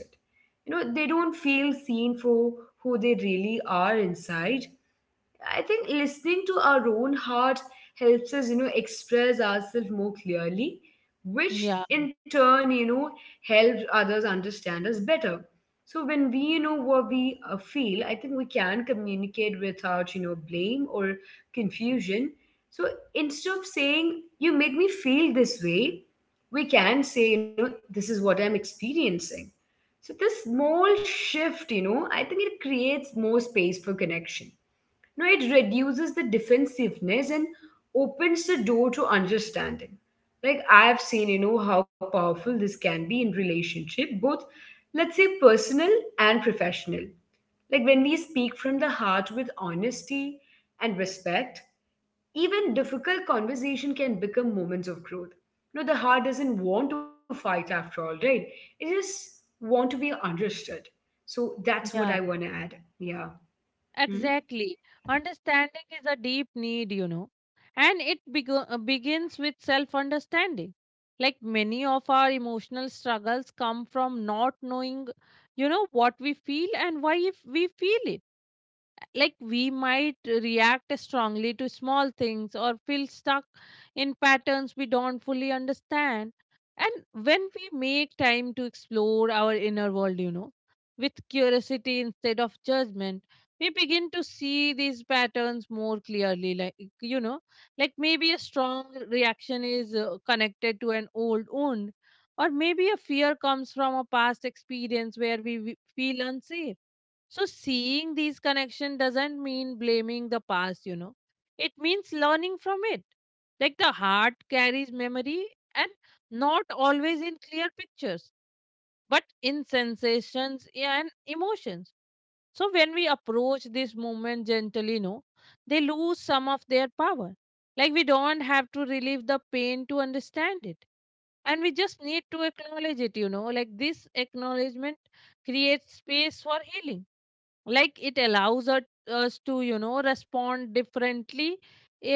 A: You know, they don't feel seen for who they really are inside. I think listening to our own heart helps us, you know, express ourselves more clearly, which
B: Yeah,
A: in turn, you know, helps others understand us better. So when we, you know, what we feel, I think we can communicate without, you know, blame or confusion. So instead of saying, you make me feel this way, we can say, you know, this is what I'm experiencing. So this small shift, you know, I think it creates more space for connection. No, it reduces the defensiveness and opens the door to understanding. Like I've seen, you know, how powerful this can be in relationship, both, let's say, personal and professional. Like when we speak from the heart with honesty and respect, even difficult conversation can become moments of growth. No, the heart doesn't want to fight after all, right? It just want to be understood. So that's what I
B: yeah.
A: want to add. Yeah. Hmm?
B: Exactly. Understanding is a deep need, and it begins with self understanding. Like many of our emotional struggles come from not knowing, what we feel and why if we feel it. Like we might react strongly to small things or feel stuck in patterns we don't fully understand. And when we make time to explore our inner world, with curiosity instead of judgment, we begin to see these patterns more clearly. Like you know like maybe a strong reaction is connected to an old wound, or maybe a fear comes from a past experience where we feel unsafe. So seeing these connection doesn't mean blaming the past, you know. It means learning from it. Like the heart carries memory, and not always in clear pictures, but in sensations and emotions. So when we approach this moment gently, no, they lose some of their power. Like we don't have to relieve the pain to understand it. And we just need to acknowledge it. Like this acknowledgement creates space for healing. Like it allows us to respond differently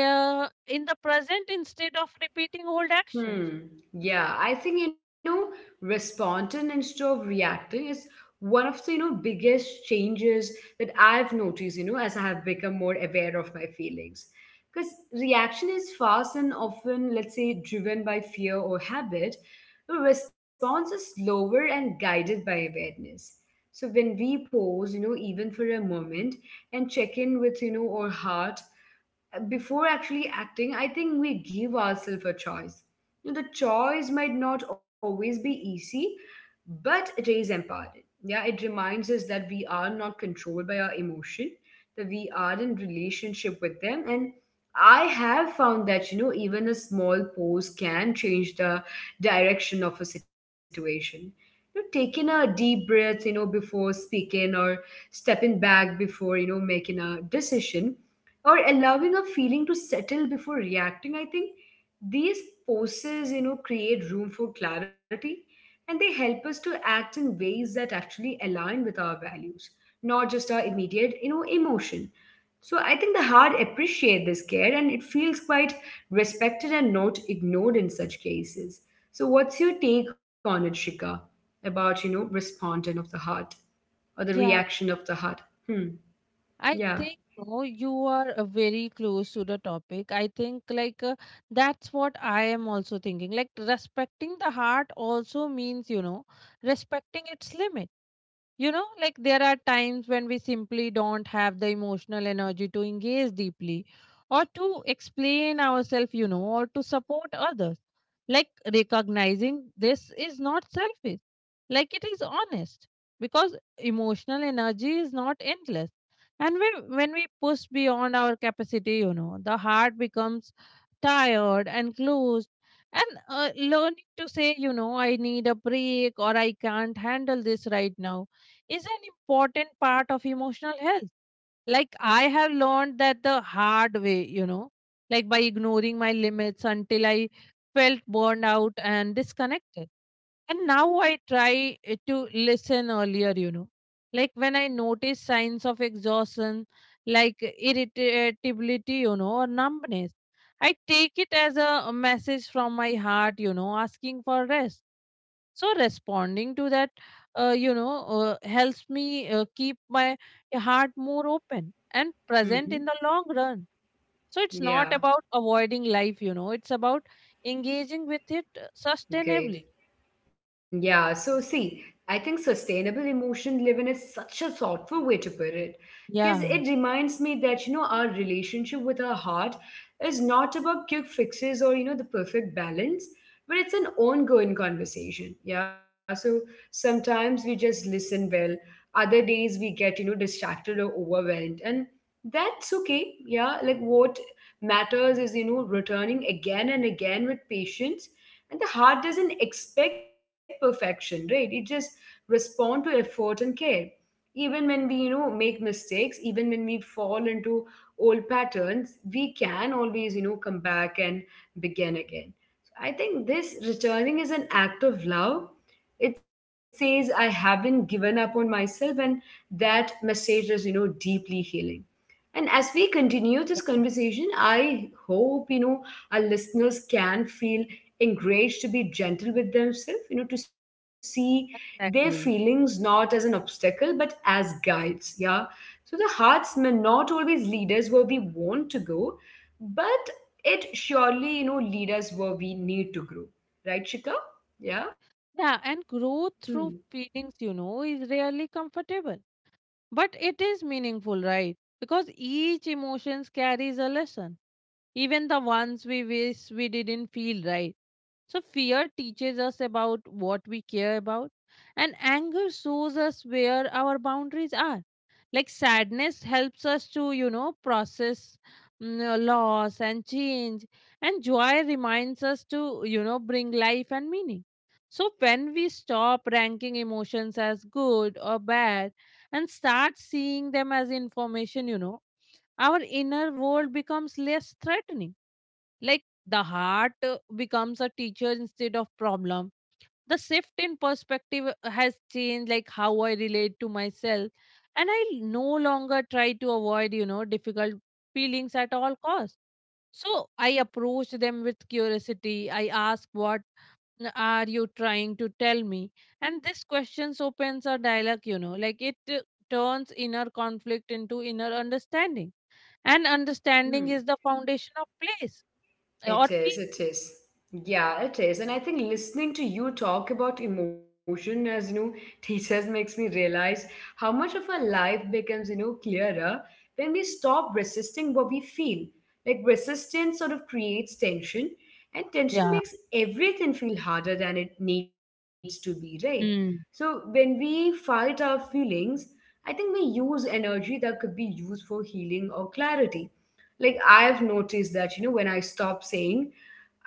B: in the present, instead of repeating old actions.
A: Hmm. Yeah, I think, you know, responding instead of reacting is one of the, you know, biggest changes that I've noticed. You know, as I have become more aware of my feelings, because reaction is fast and often, let's say, driven by fear or habit. But response is slower and guided by awareness. So when we pause, you know, even for a moment, and check in with, you know, our heart before actually acting, I think we give ourselves a choice. You know, the choice might not always be easy, but it is empowering. Yeah, it reminds us that we are not controlled by our emotion, that we are in relationship with them. And I have found that, you know, even a small pose can change the direction of a situation. You know, taking a deep breath, before speaking or stepping back before, making a decision or allowing a feeling to settle before reacting, I think these poses, create room for clarity, and they help us to act in ways that actually align with our values, not just our immediate, emotion. So I think the heart appreciate this care, and it feels quite respected and not ignored in such cases. So what's your take on it, Shika, about, respondent of the heart or the
B: Yeah,
A: reaction of the heart? Hmm.
B: I
A: Yeah.
B: think no, you are very close to the topic. I think like that's what I am also thinking. Like respecting the heart also means respecting its limits. Like there are times when we simply don't have the emotional energy to engage deeply, or to explain ourselves, or to support others. Like recognizing this is not selfish, like it is honest, because emotional energy is not endless. And when we push beyond our capacity, the heart becomes tired and closed. And learning to say, I need a break or I can't handle this right now, is an important part of emotional health. Like I have learned that the hard way, like by ignoring my limits until I felt burned out and disconnected. And now I try to listen earlier, like when I notice signs of exhaustion, like irritability, or numbness. I take it as a message from my heart, asking for rest. So responding to that uh, you know helps me keep my heart more open and present in the
A: Hmm.
B: long run. So it's not about
A: Yeah.
B: avoiding life. It's about engaging with it sustainably.
A: Great. Yeah. So, see, I think sustainable emotion living is such a thoughtful way to put it, because it
B: Yeah,
A: reminds me that, our relationship with our heart is not about quick fixes or, the perfect balance, but it's an ongoing conversation. Yeah. So sometimes we just listen well, other days we get, distracted or overwhelmed. And that's okay. Yeah. Like what matters is, returning again and again with patience, and the heart doesn't expect perfection, right? It just responds to effort and care. Even when we, make mistakes, even when we fall into old patterns, we can always, come back and begin again. So I think this returning is an act of love. It says I haven't given up on myself, and that message is, deeply healing. And as we continue this conversation, I hope, our listeners can feel encouraged to be gentle with themselves, to see their feelings
B: exactly.
A: not as an obstacle, but as guides. Yeah. So the hearts may not always lead us where we want to go, but it surely, lead us where we need to grow. Right, Shika? Yeah.
B: Yeah, and growth
A: Hmm.
B: through feelings is rarely comfortable, but it is meaningful, right? Because each emotions carries a lesson, even the ones we wish we didn't feel, right? So, fear teaches us about what we care about, and anger shows us where our boundaries are. Like sadness helps us to, process loss and change, and joy reminds us to, bring life and meaning. So, when we stop ranking emotions as good or bad and start seeing them as information, our inner world becomes less threatening. Like the heart becomes a teacher instead of problem. The shift in perspective has changed like how I relate to myself, and I no longer try to avoid, difficult feelings at all costs. So I approach them with curiosity. I ask, what are you trying to tell me? And this questions opens a dialogue, like it turns inner conflict into inner understanding. And
A: Hmm.
B: understanding is the foundation of place
A: It
B: or
A: is,
B: peace.
A: it is. Yeah, it is. And I think listening to you talk about emotion as, teachers makes me realize how much of our life becomes, clearer when we stop resisting what we feel. Like resistance sort of creates tension, and tension
B: Yeah.
A: makes everything feel harder than it needs to be, right? So
B: Mm.
A: when we fight our feelings, I think we use energy that could be used for healing or clarity. Like I've noticed that, when I stop saying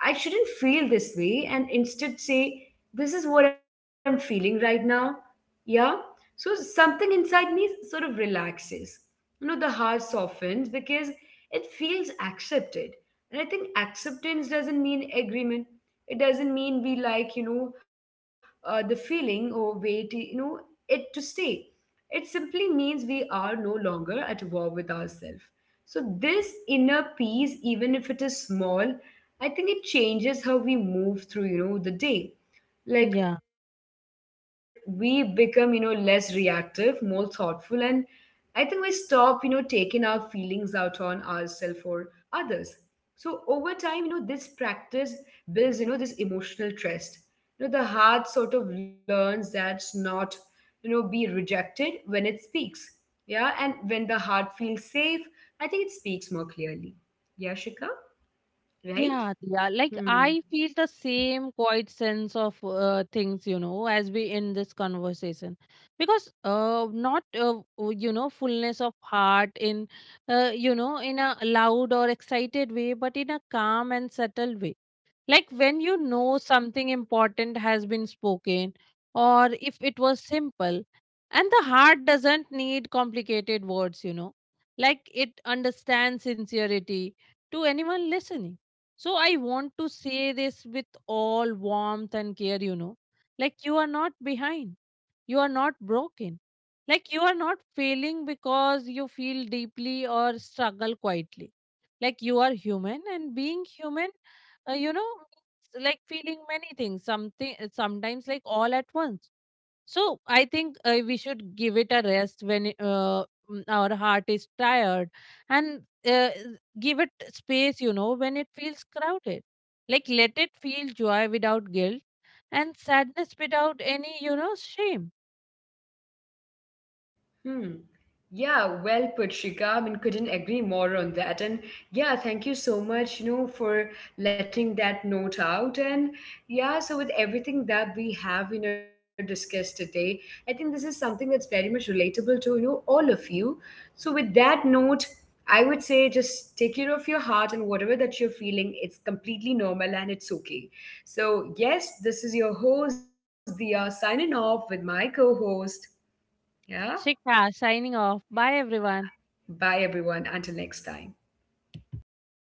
A: I shouldn't feel this way and instead say, this is what I'm feeling right now. Yeah. So something inside me sort of relaxes. You know, the heart softens because it feels accepted. And I think acceptance doesn't mean agreement. It doesn't mean we like, the feeling or wait, it to stay. It simply means we are no longer at war with ourselves. So, this inner peace, even if it is small, I think it changes how we move through, the day. Like
B: Yeah.
A: we become, less reactive, more thoughtful, and I think we stop, taking our feelings out on ourselves or others. So over time, this practice builds, this emotional trust. You know, the heart sort of learns that's not, be rejected when it speaks. Yeah, and when the heart feels safe, I think it speaks more clearly. Yeah, Shika, right?
B: Yeah, yeah. Like
A: Hmm.
B: I feel the same quiet sense of things, as we in this conversation, because not fullness of heart in, in a loud or excited way, but in a calm and subtle way. Like when you know something important has been spoken, or if it was simple, and the heart doesn't need complicated words, like it understands sincerity to anyone listening. So I want to say this with all warmth and care, like you are not behind, you are not broken, like you are not failing because you feel deeply or struggle quietly. Like you are human, and being human uh, you know it's like feeling many things something sometimes like all at once. So I think we should give it a rest when our heart is tired, and uh, give it space when it feels crowded. Like let it feel joy without guilt, and sadness without any shame.
A: Hmm. Yeah, well put, Shika. I mean, couldn't agree more on that. And yeah, thank you so much, for letting that note out. And yeah, so with everything that we have, discussed today, I think this is something that's very much relatable to, all of you. So with that note, I would say just take care of your heart, and whatever that you're feeling, it's completely normal and it's okay. So yes, this is your host, Dia, signing off with my co-host. Yeah.
B: Shikha signing off. Bye, everyone.
A: Bye, everyone. Until next time.